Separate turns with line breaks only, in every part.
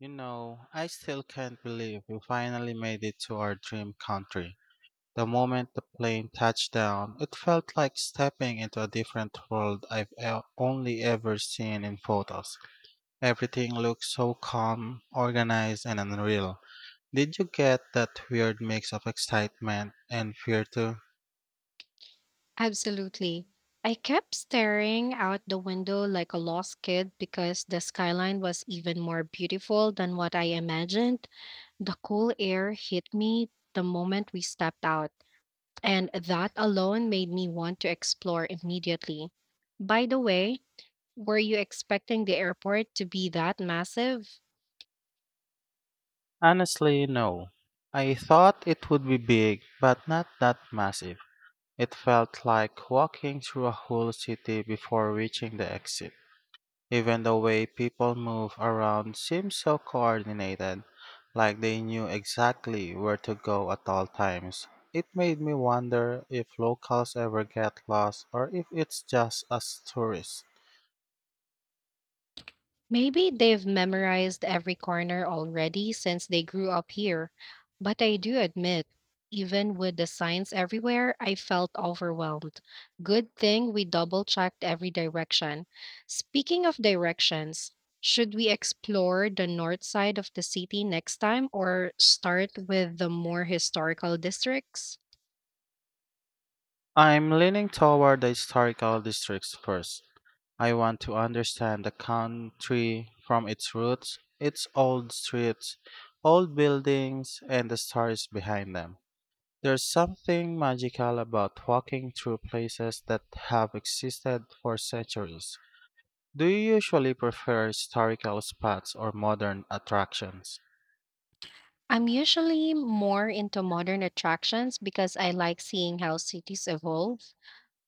You know, I still can't believe we finally made it to our dream country. The moment the plane touched down, it felt like stepping into a different world I've only ever seen in photos. Everything looked so calm, organized, and unreal. Did you get that weird mix of excitement and fear too?
Absolutely. I kept staring out the window like a lost kid because the skyline was even more beautiful than what I imagined. The cool air hit me the moment we stepped out, and that alone made me want to explore immediately. By the way, were you expecting the airport to be that massive?
Honestly, no. I thought it would be big, but not that massive. It felt like walking through a whole city before reaching the exit. Even the way people move around seems so coordinated, like they knew exactly where to go at all times. It made me wonder if locals ever get lost or if it's just us tourists.
Maybe they've memorized every corner already since they grew up here. But I do admit, even with the signs everywhere, I felt overwhelmed. Good thing we double checked every direction. Speaking of directions, should we explore the north side of the city next time or start with the more historical districts?
I'm leaning toward the historical districts first. I want to understand the country from its roots, its old streets, old buildings, and the stories behind them. There's something magical about walking through places that have existed for centuries. Do you usually prefer historical spots or modern attractions?
I'm usually more into modern attractions because I like seeing how cities evolve.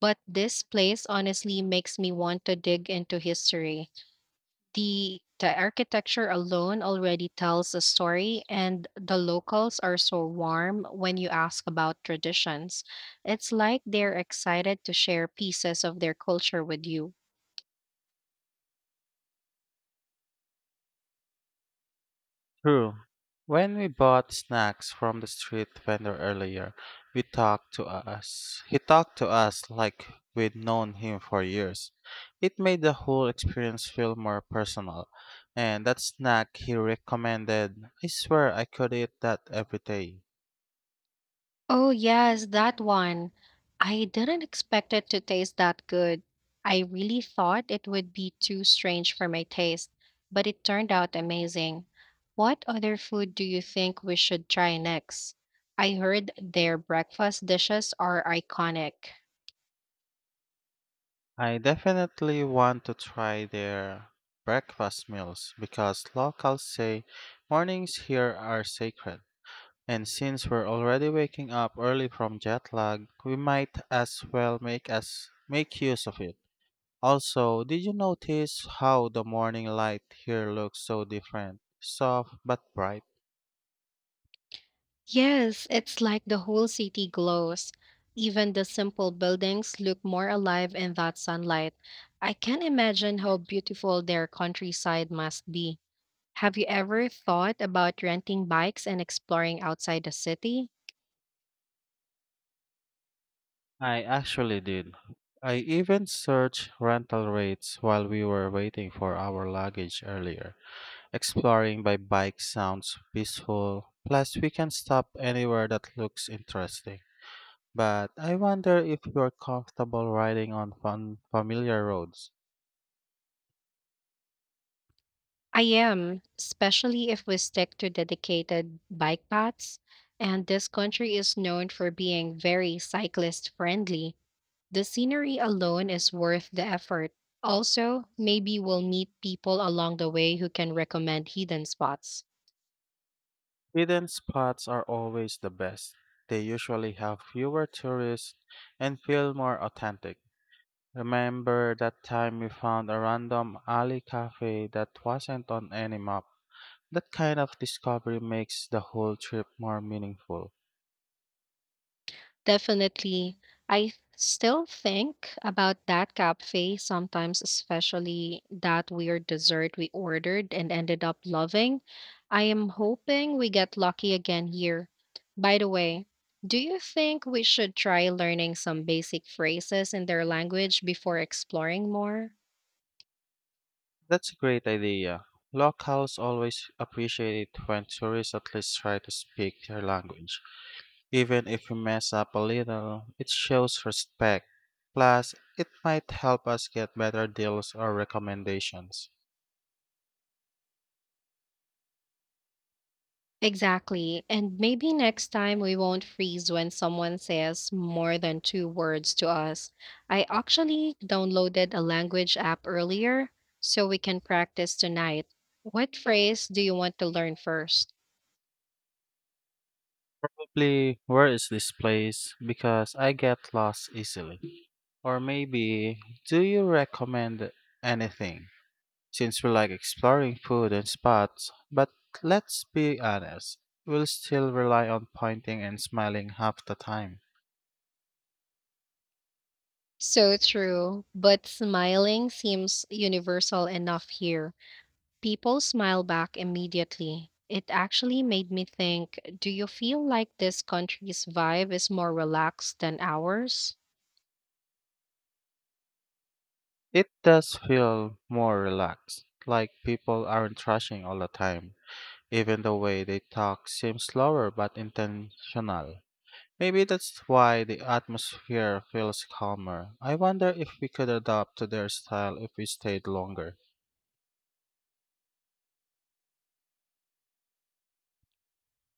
But this place honestly makes me want to dig into history. The architecture alone already tells a story and the locals are so warm when you ask about traditions. It's like they're excited to share pieces of their culture with you.
True. When we bought snacks from the street vendor earlier, we talked to us. He talked to us like we'd known him for years. It made the whole experience feel more personal. And that snack he recommended, I swear I could eat that every day.
Oh, yes, that one. I didn't expect it to taste that good. I really thought it would be too strange for my taste, but it turned out amazing. What other food do you think we should try next? I heard their breakfast dishes are iconic.
I definitely want to try their breakfast meals because locals say mornings here are sacred. And since we're already waking up early from jet lag, we might as well make use of it. Also, did you notice how the morning light here looks so different? Soft but bright.
Yes, it's like the whole city glows. Even the simple buildings look more alive in that sunlight. I can imagine how beautiful their countryside must be. Have you ever thought about renting bikes and exploring outside the city?
I actually did. I even searched rental rates while we were waiting for our luggage earlier. Exploring by bike sounds peaceful, plus, we can stop anywhere that looks interesting. But I wonder if you're comfortable riding on fun, familiar roads.
I am, especially if we stick to dedicated bike paths. And this country is known for being very cyclist friendly. The scenery alone is worth the effort. Also, maybe we'll meet people along the way who can recommend hidden spots.
Hidden spots are always the best. They usually have fewer tourists and feel more authentic. Remember that time we found a random alley cafe that wasn't on any map? That kind of discovery makes the whole trip more meaningful.
Definitely. I still think about that cafe sometimes, especially that weird dessert we ordered and ended up loving. I am hoping we get lucky again here. By the way, do you think we should try learning some basic phrases in their language before exploring more?
That's a great idea. Locals always appreciate it when tourists at least try to speak their language. Even if we mess up a little, it shows respect. Plus, it might help us get better deals or recommendations.
Exactly. And maybe next time we won't freeze when someone says more than two words to us. I actually downloaded a language app earlier so we can practice tonight. What phrase do you want to learn first?
Probably, where is this place? Because I get lost easily. Or maybe, do you recommend anything? Since we like exploring food and spots, but let's be honest, we'll still rely on pointing and smiling half the time.
So true, but smiling seems universal enough here. People smile back immediately. It actually made me think, do you feel like this country's vibe is more relaxed than ours?
It does feel more relaxed, like people aren't rushing all the time. Even the way they talk seems slower but intentional. Maybe that's why the atmosphere feels calmer. I wonder if we could adapt to their style if we stayed longer.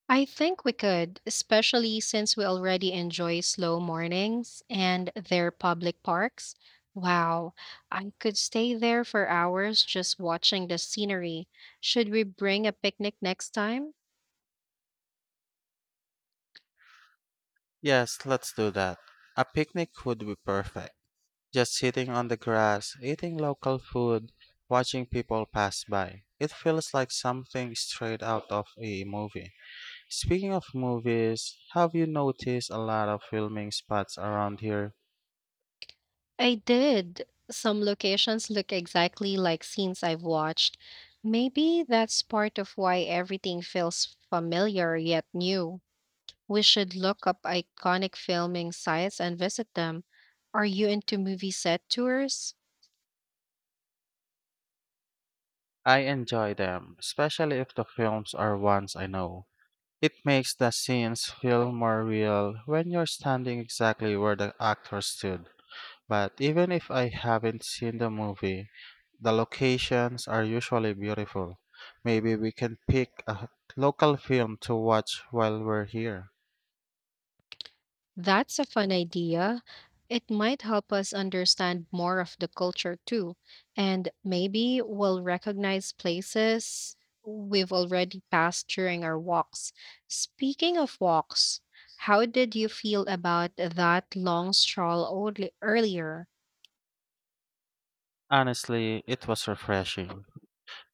I think we could, especially since we already enjoy slow mornings and their public parks. Wow, I could stay there for hours just watching the scenery. Should we bring a picnic next time?
Yes, let's do that. A picnic would be perfect. Just sitting on the grass, eating local food, watching people pass by. It feels like something straight out of a movie. Speaking of movies, have you noticed a lot of filming spots around here?
I did. Some locations look exactly like scenes I've watched. Maybe that's part of why everything feels familiar yet new. We should look up iconic filming sites and visit them. Are you into movie set tours?
I enjoy them, especially if the films are ones I know. It makes the scenes feel more real when you're standing exactly where the actor stood. But even if I haven't seen the movie, the locations are usually beautiful. Maybe we can pick a local film to watch while we're here.
That's a fun idea. It might help us understand more of the culture too, and maybe we'll recognize places we've already passed during our walks. Speaking of walks, how did you feel about that long stroll earlier?
Honestly, it was refreshing.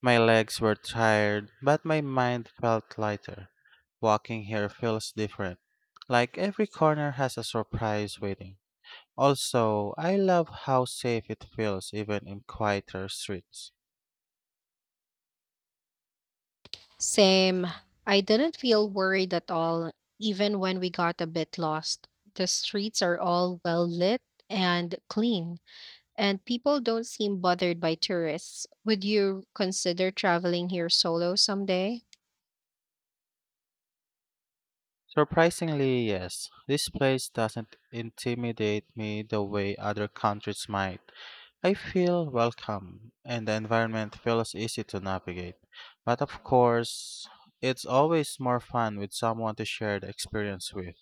My legs were tired, but my mind felt lighter. Walking here feels different. Like every corner has a surprise waiting. Also, I love how safe it feels even in quieter streets.
Same. I didn't feel worried at all, even when we got a bit lost. The streets are all well lit and clean, and people don't seem bothered by tourists. Would you consider traveling here solo someday?
Surprisingly, yes. This place doesn't intimidate me the way other countries might. I feel welcome, and the environment feels easy to navigate. But of course, it's always more fun with someone to share the experience with.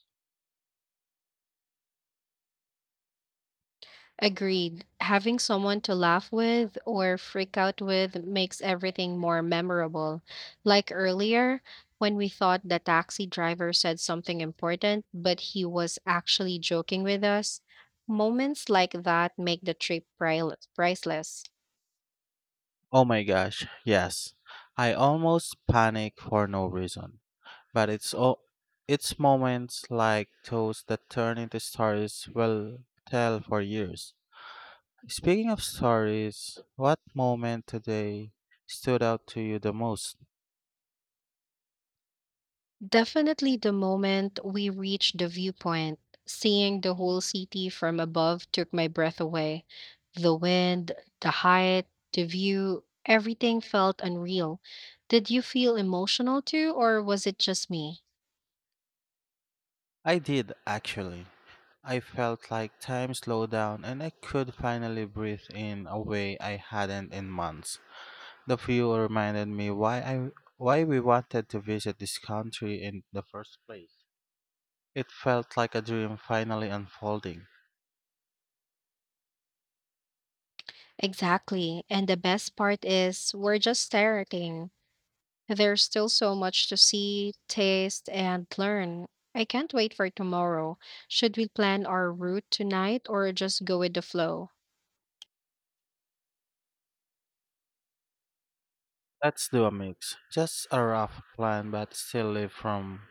Agreed. Having someone to laugh with or freak out with makes everything more memorable. Like earlier, when we thought the taxi driver said something important, but he was actually joking with us. Moments like that make the trip priceless.
Oh my gosh, yes. I almost panic for no reason. But it's o- it's moments like those that turn into stories we'll tell for years. Speaking of stories, what moment today stood out to you the most?
Definitely the moment we reached the viewpoint, seeing the whole city from above took my breath away. The wind, the height, the view, everything felt unreal. Did you feel emotional too, or was it just me?
I did actually. I felt like time slowed down and I could finally breathe in a way I hadn't in months. The view reminded me why we wanted to visit this country in the first place. It felt like a dream finally unfolding.
Exactly. And the best part is, we're just starting. There's still so much to see, taste, and learn. I can't wait for tomorrow. Should we plan our route tonight or just go with the flow?
Let's do a mix. Just a rough plan but still live from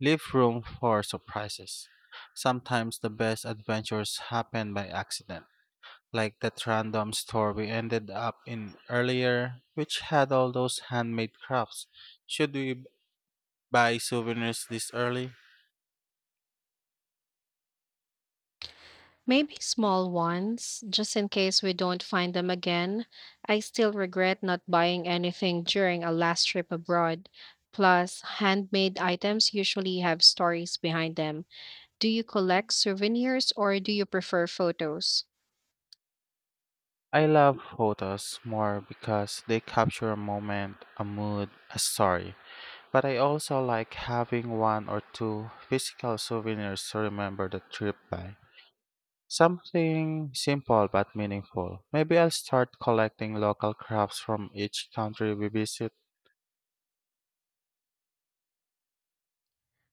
Leave room for surprises. Sometimes the best adventures happen by accident, like that random store we ended up in earlier, which had all those handmade crafts. Should we buy souvenirs this early?
Maybe small ones, just in case we don't find them again. I still regret not buying anything during a last trip abroad. Plus, handmade items usually have stories behind them. Do you collect souvenirs or do you prefer photos?
I love photos more because they capture a moment, a mood, a story. But I also like having one or two physical souvenirs to remember the trip by. Something simple but meaningful. Maybe I'll start collecting local crafts from each country we visit.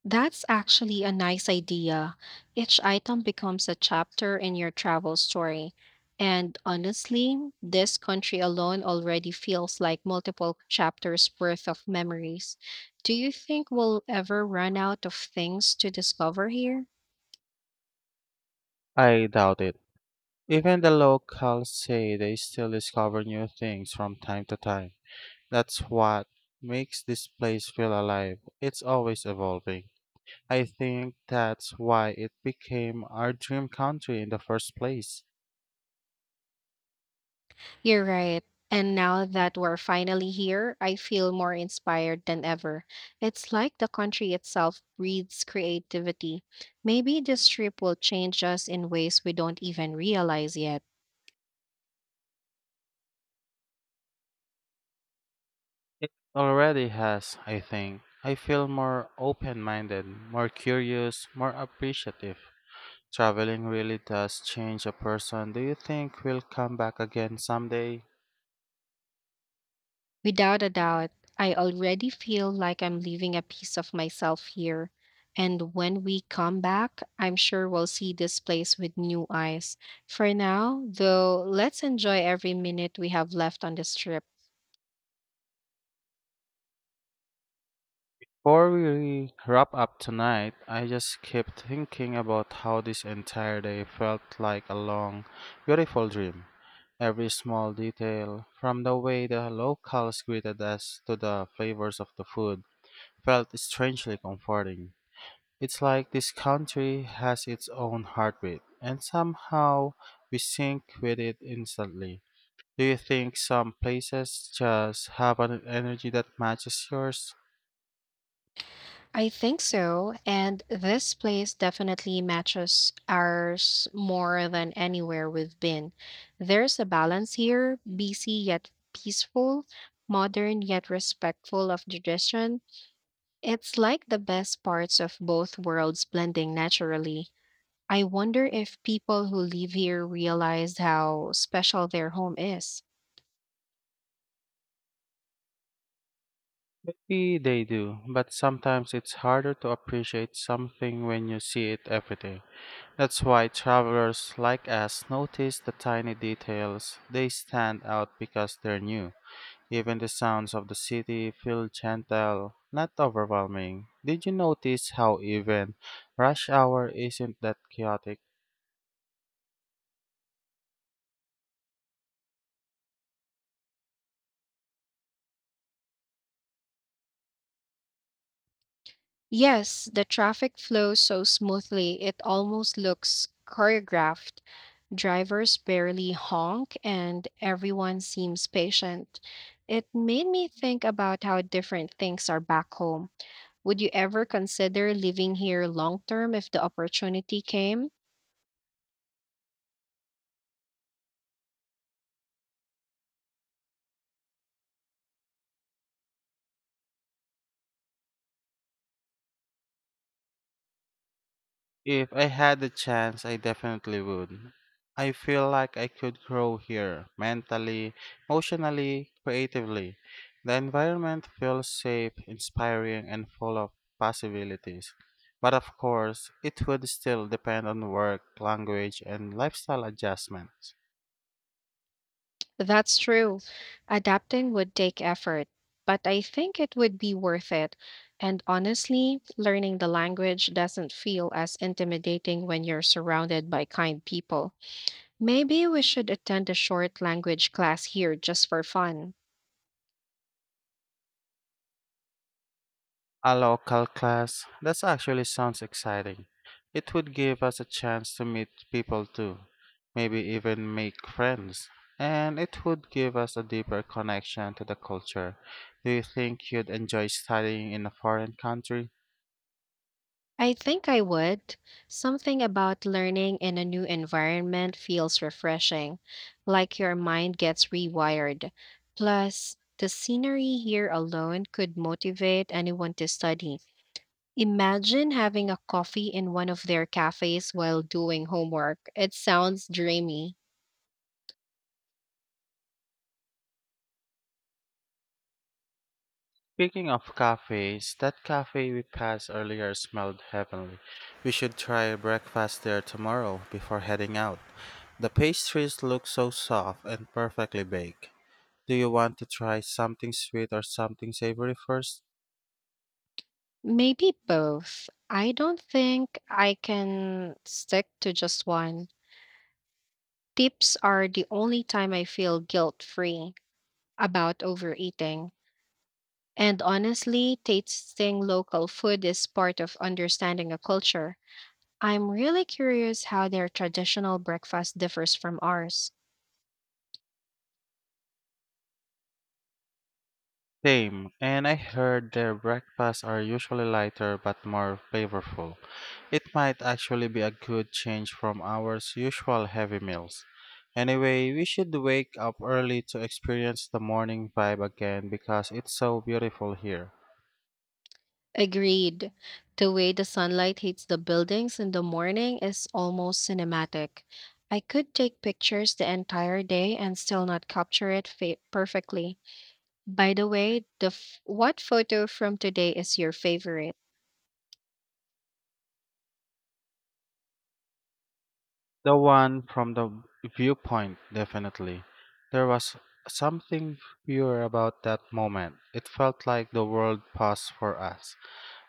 That's actually a nice idea. Each item becomes a chapter in your travel story. And honestly, this country alone already feels like multiple chapters worth of memories. Do you think we'll ever run out of things to discover here?
I doubt it. Even the locals say they still discover new things from time to time. That's what makes this place feel alive. It's always evolving. I think that's why it became our dream country in the first place.
You're right. And now that we're finally here, I feel more inspired than ever. It's like the country itself breathes creativity. Maybe this trip will change us in ways we don't even realize yet.
It already has, I think. I feel more open minded, more curious, more appreciative. Traveling really does change a person. Do you think we'll come back again someday?
Without a doubt, I already feel like I'm leaving a piece of myself here. And when we come back, I'm sure we'll see this place with new eyes. For now, though, let's enjoy every minute we have left on this trip.
Before we wrap up tonight, I just kept thinking about how this entire day felt like a long, beautiful dream. Every small detail, from the way the locals greeted us to the flavors of the food, felt strangely comforting. It's like this country has its own heartbeat, and somehow we sync with it instantly. Do you think some places just have an energy that matches yours?
I think so. And this place definitely matches ours more than anywhere we've been. There's a balance here, busy yet peaceful, modern yet respectful of tradition. It's like the best parts of both worlds blending naturally. I wonder if people who live here realize how special their home is.
Maybe they do, but sometimes it's harder to appreciate something when you see it every day. That's why travelers like us notice the tiny details. They stand out because they're new. Even the sounds of the city feel gentle, not overwhelming. Did you notice how even rush hour isn't that chaotic?
Yes, the traffic flows so smoothly it almost looks choreographed. Drivers barely honk and everyone seems patient. It made me think about how different things are back home. Would you ever consider living here long term if the opportunity came?
If I had the chance, I definitely would. I feel like I could grow here mentally, emotionally, creatively. The environment feels safe, inspiring, and full of possibilities. But of course, it would still depend on work, language, and lifestyle adjustments.
That's true. Adapting would take effort, but I think it would be worth it. And honestly, learning the language doesn't feel as intimidating when you're surrounded by kind people. Maybe we should attend a short language class here just for fun.
A local class? That actually sounds exciting. It would give us a chance to meet people too, maybe even make friends. And it would give us a deeper connection to the culture. Do you think you'd enjoy studying in a foreign country?
I think I would. Something about learning in a new environment feels refreshing, like your mind gets rewired. Plus, the scenery here alone could motivate anyone to study. Imagine having a coffee in one of their cafes while doing homework. It sounds dreamy.
Speaking of cafes, that cafe we passed earlier smelled heavenly. We should try breakfast there tomorrow before heading out. The pastries look so soft and perfectly baked. Do you want to try something sweet or something savory first?
Maybe both. I don't think I can stick to just one. Tips are the only time I feel guilt free about overeating. And honestly, tasting local food is part of understanding a culture. I'm really curious how their traditional breakfast differs from ours.
Same, and I heard their breakfasts are usually lighter but more flavorful. It might actually be a good change from our usual heavy meals. Anyway, we should wake up early to experience the morning vibe again because it's so beautiful here.
Agreed. The way the sunlight hits the buildings in the morning is almost cinematic. I could take pictures the entire day and still not capture it perfectly. By the way, what photo from today is your favorite?
The one from the viewpoint, definitely. There was something pure about that moment. It felt like the world paused for us,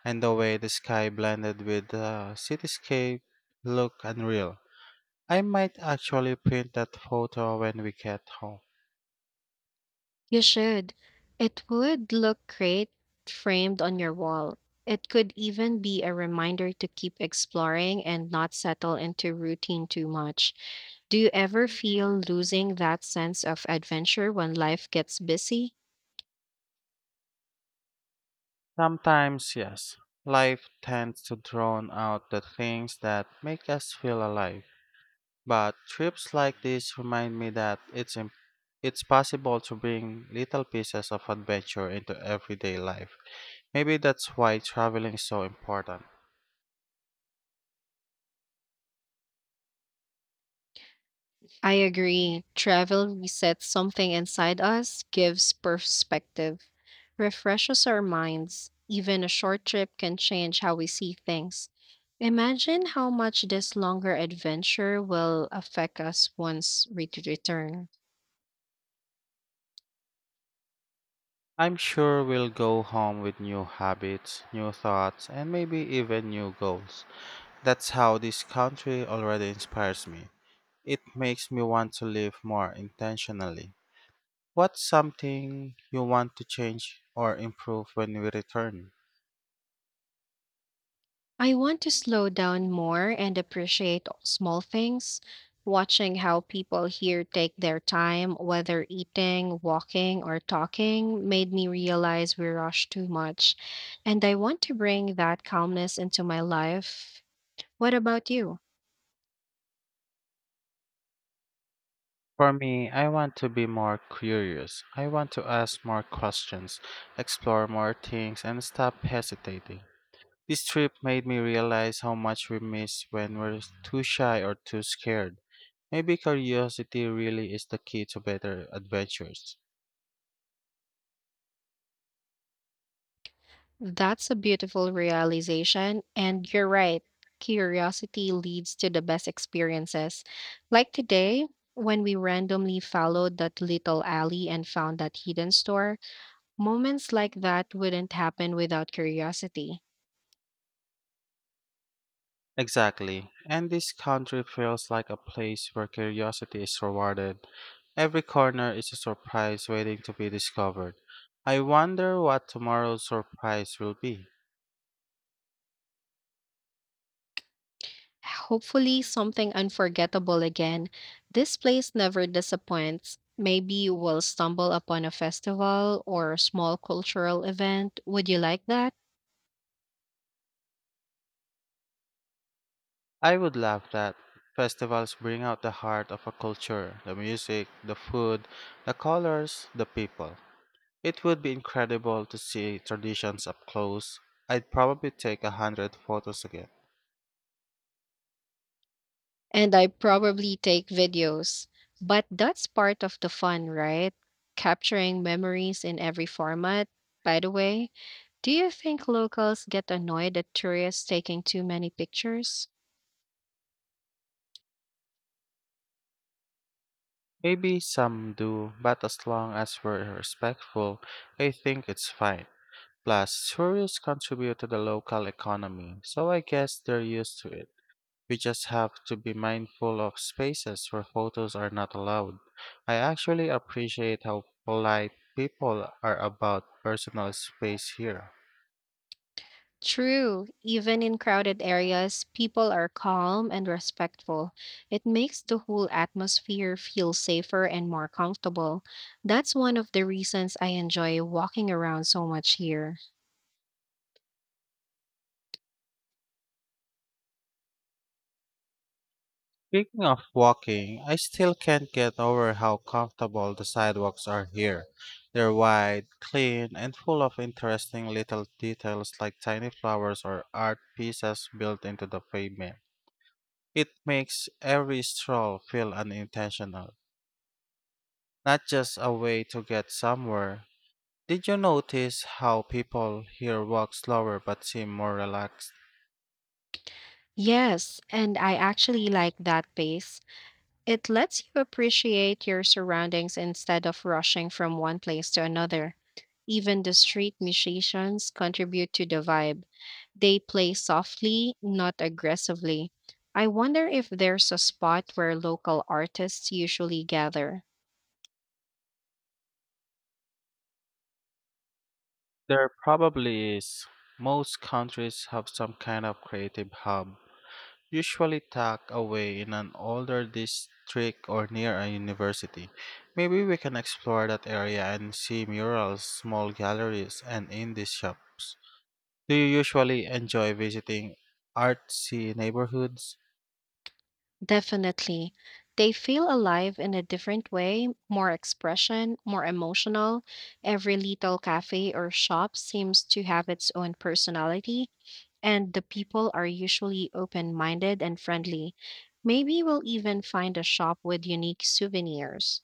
and the way the sky blended with the cityscape looked unreal. I might actually print that photo when we get home.
You should. It would look great framed on your wall. It could even be a reminder to keep exploring and not settle into routine too much. Do you ever feel losing that sense of adventure when life gets busy?
Sometimes, yes, life tends to drown out the things that make us feel alive. But trips like this remind me that it's possible to bring little pieces of adventure into everyday life. Maybe that's why traveling is so important.
I agree. Travel resets something inside us, gives perspective, refreshes our minds. Even a short trip can change how we see things. Imagine how much this longer adventure will affect us once we return.
I'm sure we'll go home with new habits, new thoughts, and maybe even new goals. That's how this country already inspires me. It makes me want to live more intentionally. What's something you want to change or improve when we return?
I want to slow down more and appreciate small things, watching how people here take their time, whether eating, walking, or talking, made me realize we rush too much. And I want to bring that calmness into my life. What about you?
For me, I want to be more curious. I want to ask more questions, explore more things, and stop hesitating. This trip made me realize how much we miss when we're too shy or too scared. Maybe curiosity really is the key to better adventures.
That's a beautiful realization, and you're right. Curiosity leads to the best experiences. Like today, when we randomly followed that little alley and found that hidden store, moments like that wouldn't happen without curiosity.
Exactly. And this country feels like a place where curiosity is rewarded. Every corner is a surprise waiting to be discovered. I wonder what tomorrow's surprise will be.
Hopefully, something unforgettable again. This place never disappoints. Maybe we'll stumble upon a festival or a small cultural event. Would you like that?
I would love that. Festivals bring out the heart of a culture, the music, the food, the colors, the people. It would be incredible to see traditions up close. I'd probably take 100 photos again.
And I probably take videos. But that's part of the fun, right? Capturing memories in every format. By the way, do you think locals get annoyed at tourists taking too many pictures?
Maybe some do, but as long as we're respectful, I think it's fine. Plus, tourists contribute to the local economy, so I guess they're used to it. We just have to be mindful of spaces where photos are not allowed. I actually appreciate how polite people are about personal space here.
True. Even in crowded areas, people are calm and respectful. It makes the whole atmosphere feel safer and more comfortable. That's one of the reasons I enjoy walking around so much here.
Speaking of walking, I still can't get over how comfortable the sidewalks are here. They're wide, clean, and full of interesting little details like tiny flowers or art pieces built into the pavement. It makes every stroll feel unintentional, not just a way to get somewhere. Did you notice how people here walk slower but seem more relaxed?
Yes, and I actually like that pace. It lets you appreciate your surroundings instead of rushing from one place to another. Even the street musicians contribute to the vibe. They play softly, not aggressively. I wonder if there's a spot where local artists usually gather.
There probably is. Most countries have some kind of creative hub, usually tucked away in an older district or near a university. Maybe we can explore that area and see murals, small galleries, and indie shops. Do you usually enjoy visiting artsy neighborhoods?
Definitely. They feel alive in a different way, more expression, more emotional. Every little cafe or shop seems to have its own personality and the people are usually open minded and friendly. Maybe we'll even find a shop with unique souvenirs.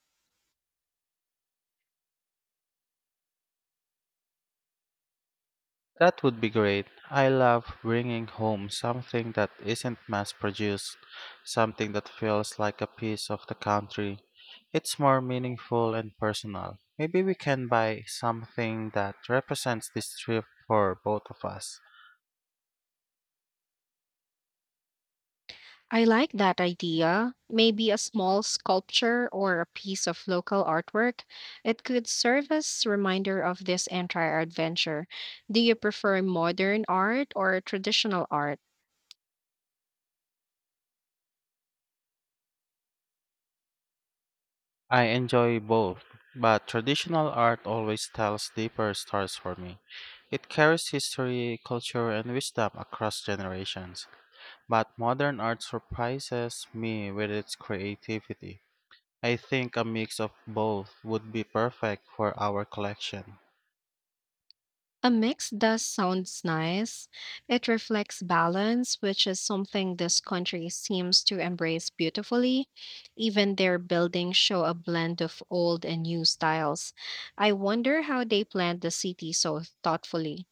That would be great. I love bringing home something that isn't mass produced, something that feels like a piece of the country. It's more meaningful and personal. Maybe we can buy something that represents this trip for both of us.
I like that idea. Maybe a small sculpture or a piece of local artwork. It could serve as reminder of this entire adventure. Do you prefer modern art or traditional art?
I enjoy both, but traditional art always tells deeper stories for me. It carries history, culture, and wisdom across generations, but modern art surprises me with its creativity. I think a mix of both would be perfect for our collection.
A mix does sounds nice. It reflects balance, which is something this country seems to embrace beautifully. Even their buildings show a blend of old and new styles. I wonder how they planned the city so thoughtfully.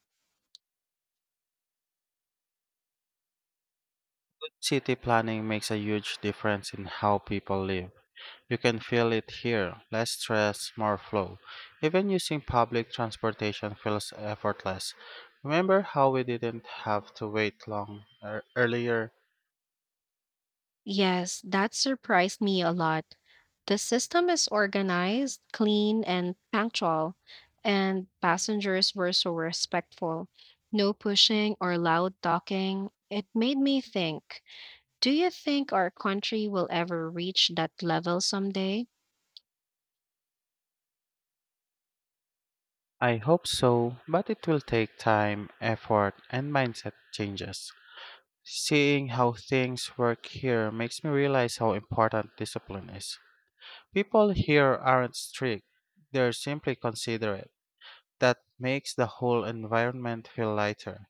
City planning makes a huge difference in how people live. You can feel it here, less stress, more flow. Even using public transportation feels effortless. Remember how we didn't have to wait long earlier?
Yes, that surprised me a lot. The system is organized, clean, and punctual, and passengers were so respectful. No pushing or loud talking. It made me think. Do you think our country will ever reach that level someday?
I hope so, but it will take time, effort, and mindset changes. Seeing how things work here makes me realize how important discipline is. People here aren't strict, they're simply considerate. That makes the whole environment feel lighter.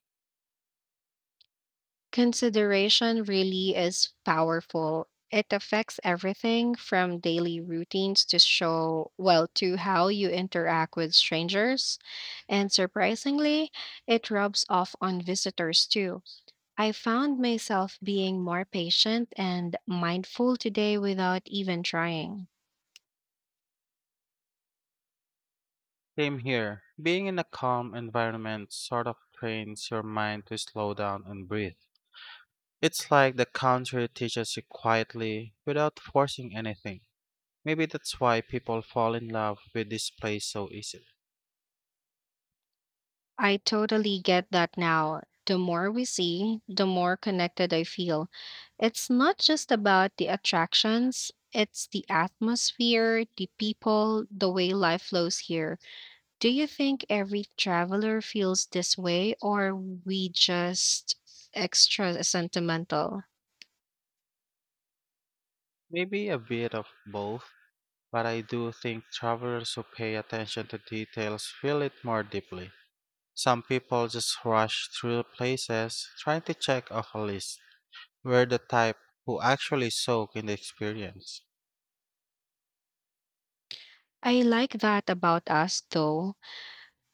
Consideration really is powerful. It affects everything from daily routines to how you interact with strangers. And surprisingly, it rubs off on visitors too. I found myself being more patient and mindful today without even trying.
Same here. Being in a calm environment sort of trains your mind to slow down and breathe. It's like the country teaches you quietly without forcing anything. Maybe that's why people fall in love with this place so easily.
I totally get that now. The more we see, the more connected I feel. It's not just about the attractions, it's the atmosphere, the people, the way life flows here. Do you think every traveler feels this way, or we just extra sentimental?
Maybe a bit of both, but I do think travelers who pay attention to details feel it more deeply. Some people just rush through places trying to check off a list. We're the type who actually soak in the experience.
I like that about us, though.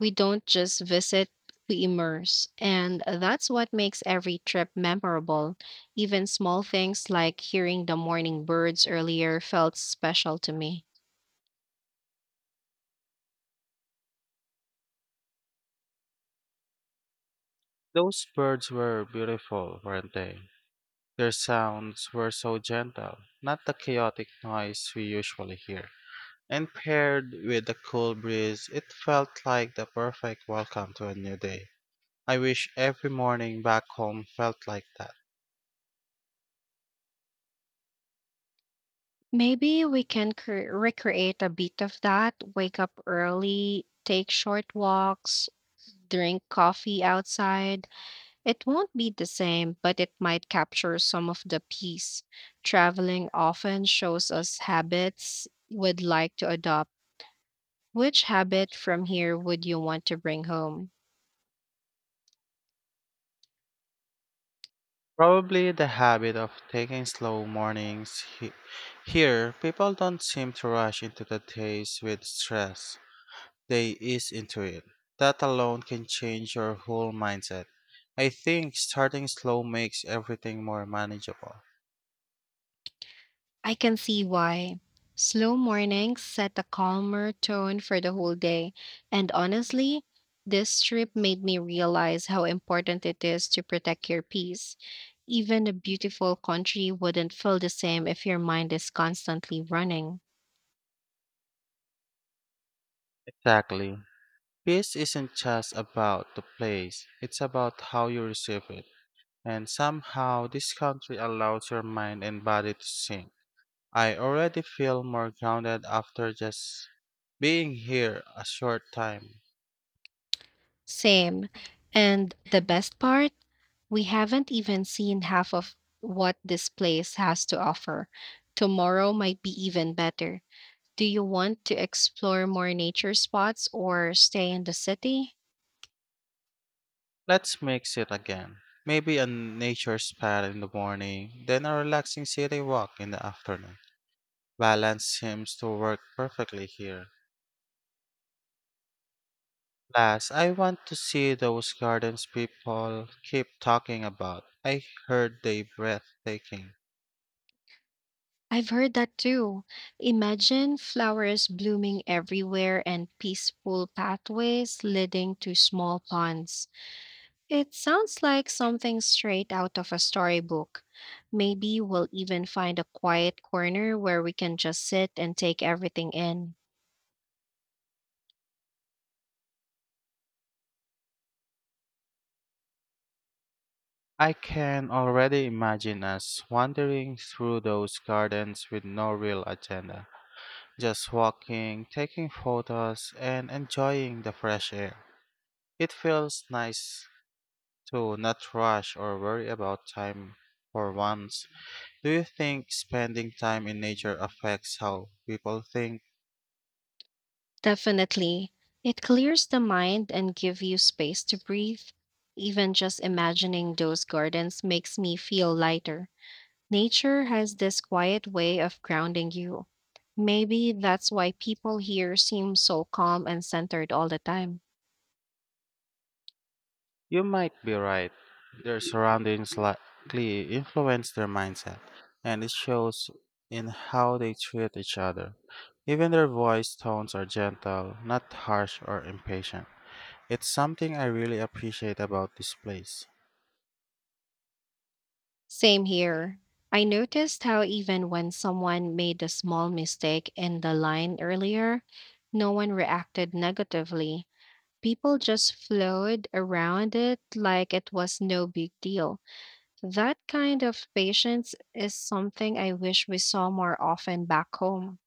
We don't just visit, we immerse. And that's what makes every trip memorable. Even small things like hearing the morning birds earlier felt special to me.
Those birds were beautiful, weren't they? Their sounds were so gentle, not the chaotic noise we usually hear. And paired with the cool breeze, it felt like the perfect welcome to a new day. I wish every morning back home felt like that.
Maybe we can recreate a bit of that. Wake up early, take short walks, drink coffee outside. It won't be the same, but it might capture some of the peace. Traveling often shows us habits we'd like to adopt. Which habit from here would you want to bring home?
Probably the habit of taking slow mornings. Here, people don't seem to rush into the days with stress. They ease into it. That alone can change your whole mindset. I think starting slow makes everything more manageable.
I can see why. Slow mornings set a calmer tone for the whole day. And honestly, this trip made me realize how important it is to protect your peace. Even a beautiful country wouldn't feel the same if your mind is constantly running.
Exactly. Peace isn't just about the place, it's about how you receive it. And somehow, this country allows your mind and body to sink. I already feel more grounded after just being here a short time.
Same. And the best part, we haven't even seen half of what this place has to offer. Tomorrow might be even better. Do you want to explore more nature spots or stay in the city?
Let's mix it again. Maybe a nature spa in the morning, then a relaxing city walk in the afternoon. Balance seems to work perfectly here. Last, I want to see those gardens people keep talking about. I heard they breathtaking.
I've heard that too. Imagine flowers blooming everywhere and peaceful pathways leading to small ponds. It sounds like something straight out of a storybook. Maybe we'll even find a quiet corner where we can just sit and take everything in.
I can already imagine us wandering through those gardens with no real agenda, just walking, taking photos, and enjoying the fresh air. It feels nice to not rush or worry about time for once. Do you think spending time in nature affects how people think?
Definitely. It clears the mind and give you space to breathe. Even just imagining those gardens makes me feel lighter. Nature has this quiet way of grounding you. Maybe that's why people here seem so calm and centered all the time.
You might be right. Their surroundings likely influence their mindset, and it shows in how they treat each other. Even their voice tones are gentle, not harsh or impatient. It's something I really appreciate about this place.
Same here. I noticed how even when someone made a small mistake in the line earlier, no one reacted negatively. People just flowed around it like it was no big deal. That kind of patience is something I wish we saw more often back home.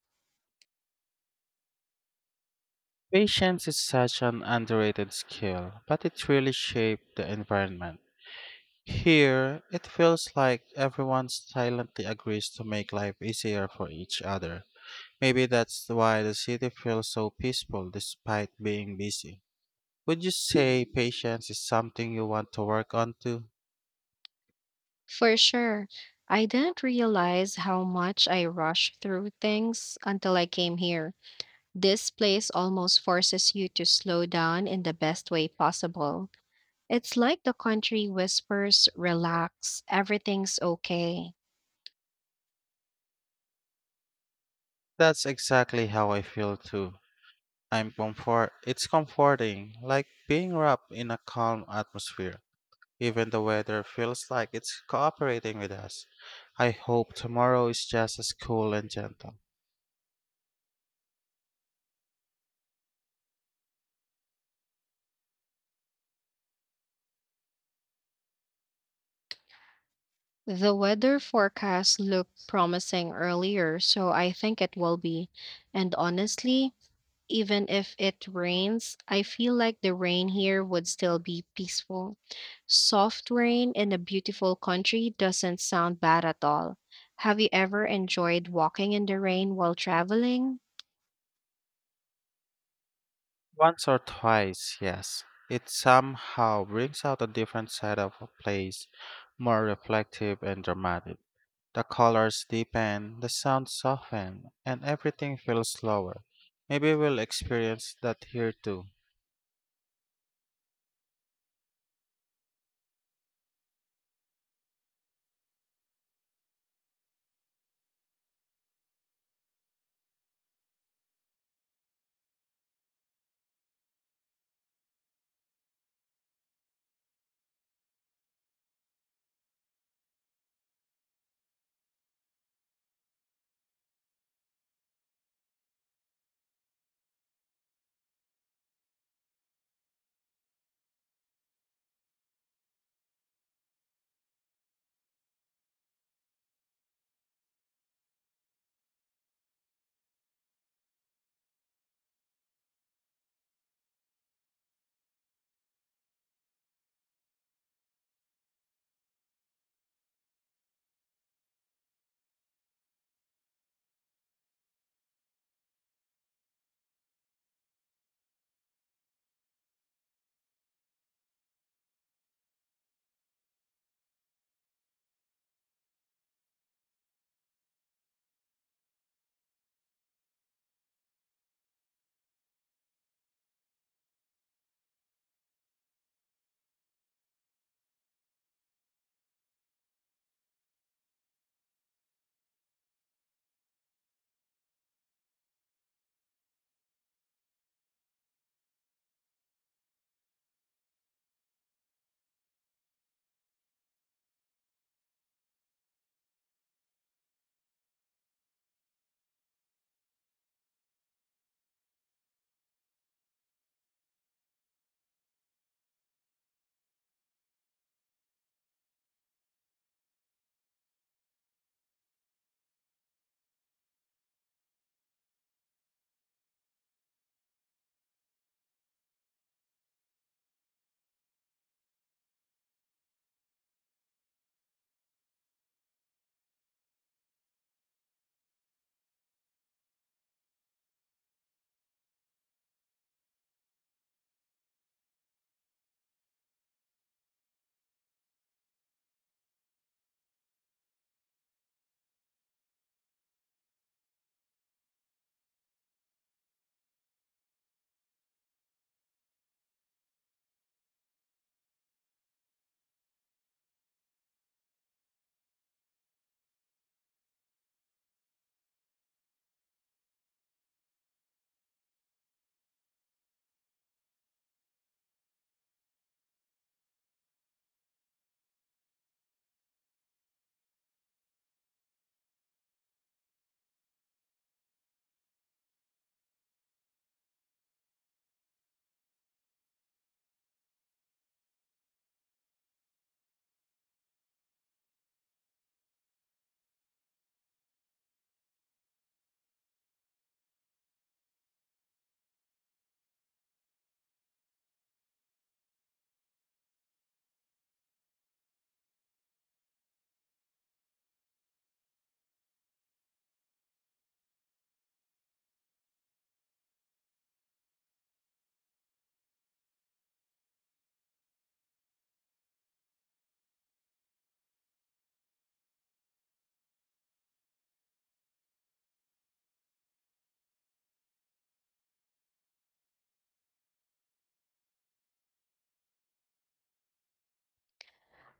Patience is such an underrated skill, but it really shaped the environment. Here, it feels like everyone silently agrees to make life easier for each other. Maybe that's why the city feels so peaceful despite being busy. Would you say patience is something you want to work on too?
For sure. I didn't realize how much I rushed through things until I came here. This place almost forces you to slow down in the best way possible. It's like the country whispers, relax, everything's okay.
That's exactly how I feel too. I'm comfort It's comforting, like being wrapped in a calm atmosphere. Even the weather feels like it's cooperating with us. I hope tomorrow is just as cool and gentle.
The weather forecast looked promising earlier, so I think it will be. And honestly, even if it rains, I feel like the rain here would still be peaceful. Soft rain in a beautiful country doesn't sound bad at all. Have you ever enjoyed walking in the rain while traveling?
Once or twice, yes. It somehow brings out a different side of a place, more reflective and dramatic. The colors deepen, the sounds soften, and everything feels slower. Maybe we'll experience that here too.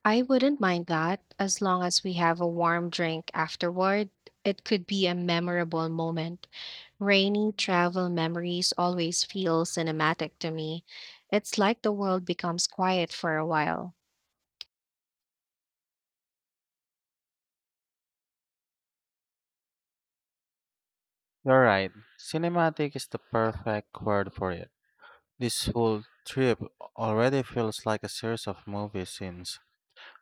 I wouldn't mind that as long as we have a warm drink afterward. It could be a memorable moment. Rainy travel memories always feel cinematic to me. It's like the world becomes quiet for a while.
You're right, cinematic is the perfect word for it. This whole trip already feels like a series of movie scenes.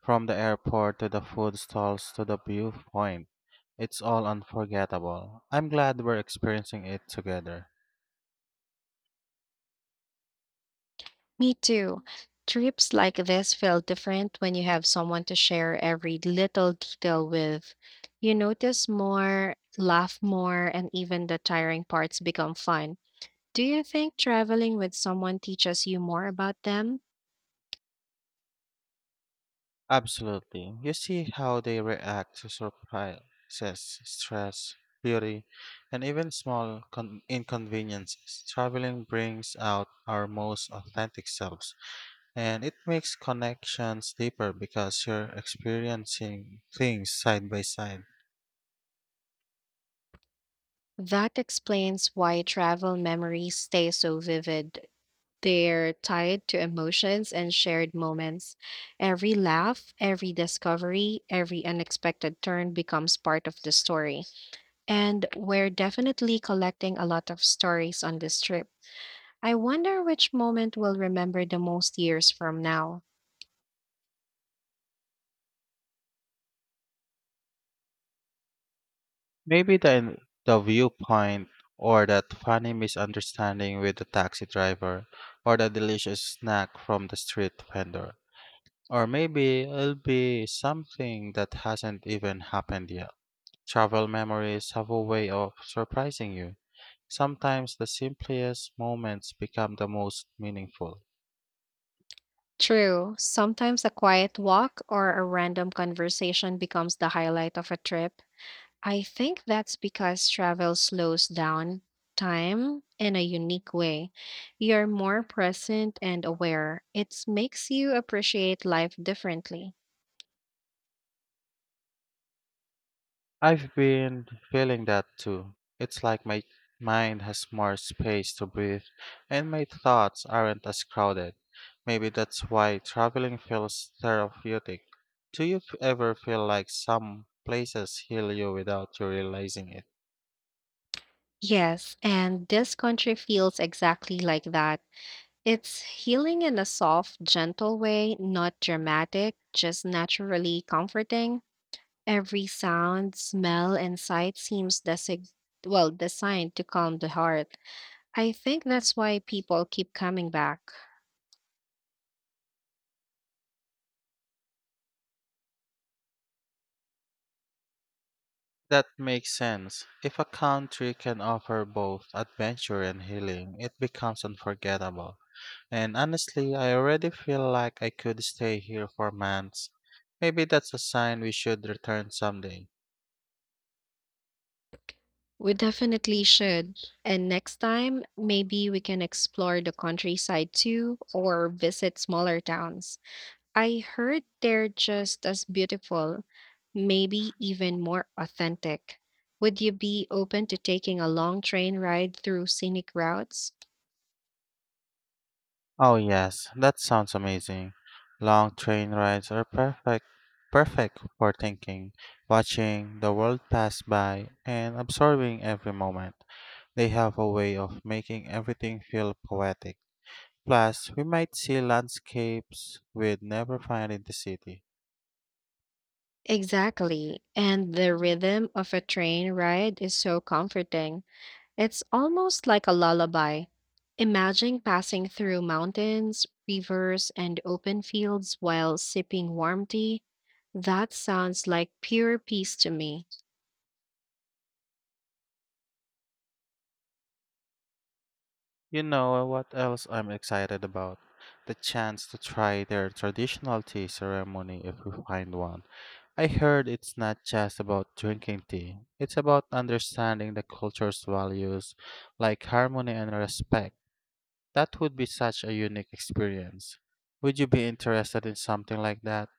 From the airport to the food stalls to the viewpoint, it's all unforgettable. I'm glad we're experiencing it together.
Me too. Trips like this feel different when you have someone to share every little detail with. You notice more, laugh more, and even the tiring parts become fun. Do you think traveling with someone teaches you more about them?
Absolutely. You see how they react to surprises, stress, beauty, and even small inconveniences. Traveling brings out our most authentic selves, and it makes connections deeper because you're experiencing things side by side.
That explains why travel memories stay so vivid. They're tied to emotions and shared moments. Every laugh, every discovery, every unexpected turn becomes part of the story. And we're definitely collecting a lot of stories on this trip. I wonder which moment we'll remember the most years from now.
Maybe the viewpoint, or that funny misunderstanding with the taxi driver, or the delicious snack from the street vendor. Or maybe it'll be something that hasn't even happened yet. Travel memories have a way of surprising you. Sometimes the simplest moments become the most meaningful.
True, sometimes a quiet walk or a random conversation becomes the highlight of a trip. I think that's because travel slows down time in a unique way. You're more present and aware. It makes you appreciate life differently.
I've been feeling that too. It's like my mind has more space to breathe and my thoughts aren't as crowded. Maybe that's why traveling feels therapeutic. Do you ever feel like some places heal you without you realizing it?
Yes, and this country feels exactly like that. It's healing in a soft, gentle way, not dramatic, just naturally comforting. Every sound, smell, and sight seems well designed to calm the heart. I think that's why people keep coming back.
That makes sense. If a country can offer both adventure and healing, it becomes unforgettable. And honestly, I already feel like I could stay here for months. Maybe that's a sign we should return someday.
We definitely should. And next time, maybe we can explore the countryside too or visit smaller towns. I heard they're just as beautiful, maybe even more authentic. Would you be open to taking a long train ride through scenic routes?
Oh yes, that sounds amazing. Long train rides are perfect for thinking, watching the world pass by, and absorbing every moment. They have a way of making everything feel poetic. Plus, we might see landscapes we'd never find in the city.
Exactly. And the rhythm of a train ride is so comforting. It's almost like a lullaby. Imagine passing through mountains, rivers, and open fields while sipping warm tea. That sounds like pure peace to me.
You know, what else I'm excited about? The chance to try their traditional tea ceremony if we find one. I heard it's not just about drinking tea, it's about understanding the culture's values, like harmony and respect. That would be such a unique experience. Would you be interested in something like that?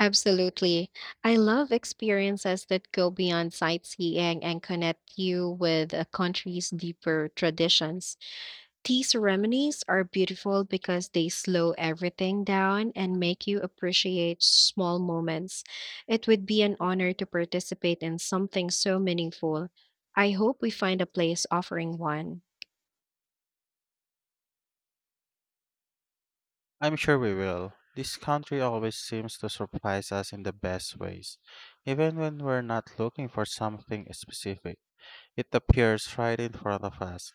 Absolutely. I love experiences that go beyond sightseeing and connect you with a country's deeper traditions. Tea ceremonies are beautiful because they slow everything down and make you appreciate small moments. It would be an honor to participate in something so meaningful. I hope we find a place offering one.
I'm sure we will. This country always seems to surprise us in the best ways, even when we're not looking for something specific. It appears right in front of us.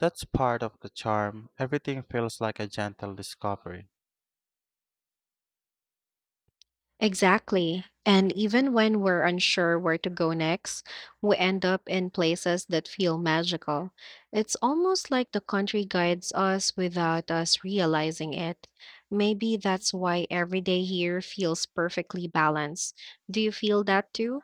That's part of the charm. Everything feels like a gentle discovery.
Exactly. And even when we're unsure where to go next, we end up in places that feel magical. It's almost like the country guides us without us realizing it. Maybe that's why every day here feels perfectly balanced. Do you feel that too?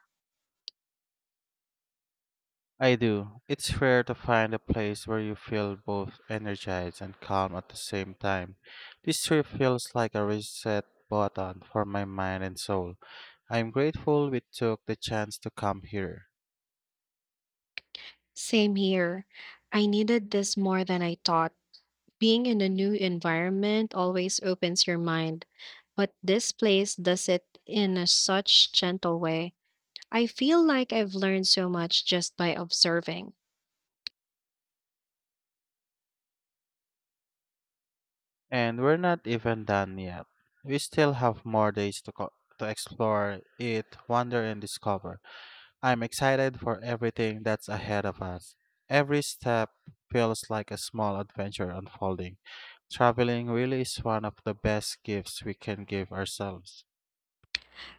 I do. It's rare to find a place where you feel both energized and calm at the same time. This trip feels like a reset button for my mind and soul. I'm grateful we took the chance to come here.
Same here. I needed this more than I thought. Being in a new environment always opens your mind, but this place does it in a such gentle way. I feel like I've learned so much just by observing.
And we're not even done yet. We still have more days to, to explore, eat, wander, and discover. I'm excited for everything that's ahead of us. Every step feels like a small adventure unfolding. Traveling really is one of the best gifts we can give ourselves.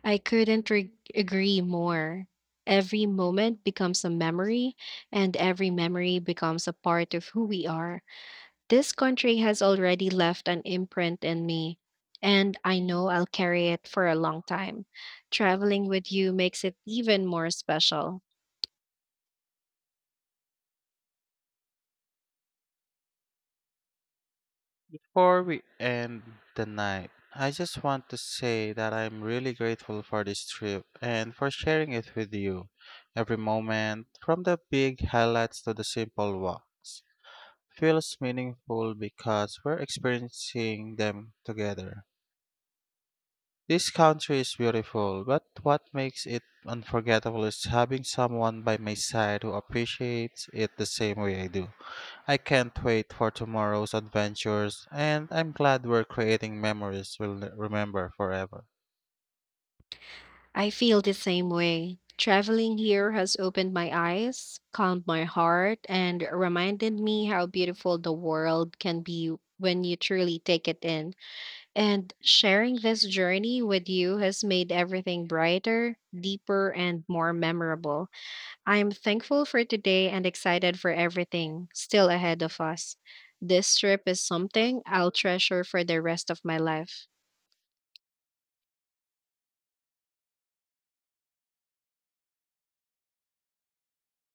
I couldn't re- agree more. Every moment becomes a memory, and every memory becomes a part of who we are. This country has already left an imprint in me, and I know I'll carry it for a long time. Traveling with you makes it even more special.
Before we end the night, I just want to say that I'm really grateful for this trip and for sharing it with you. Every moment, from the big highlights to the simple walks, feels meaningful because we're experiencing them together. This country is beautiful, but what makes it unforgettable is having someone by my side who appreciates it the same way I do. I can't wait for tomorrow's adventures, and I'm glad we're creating memories we'll remember forever.
I feel the same way. Traveling here has opened my eyes, calmed my heart, and reminded me how beautiful the world can be when you truly take it in. And sharing this journey with you has made everything brighter, deeper, and more memorable. I am thankful for today and excited for everything still ahead of us. This trip is something I'll treasure for the rest of my life.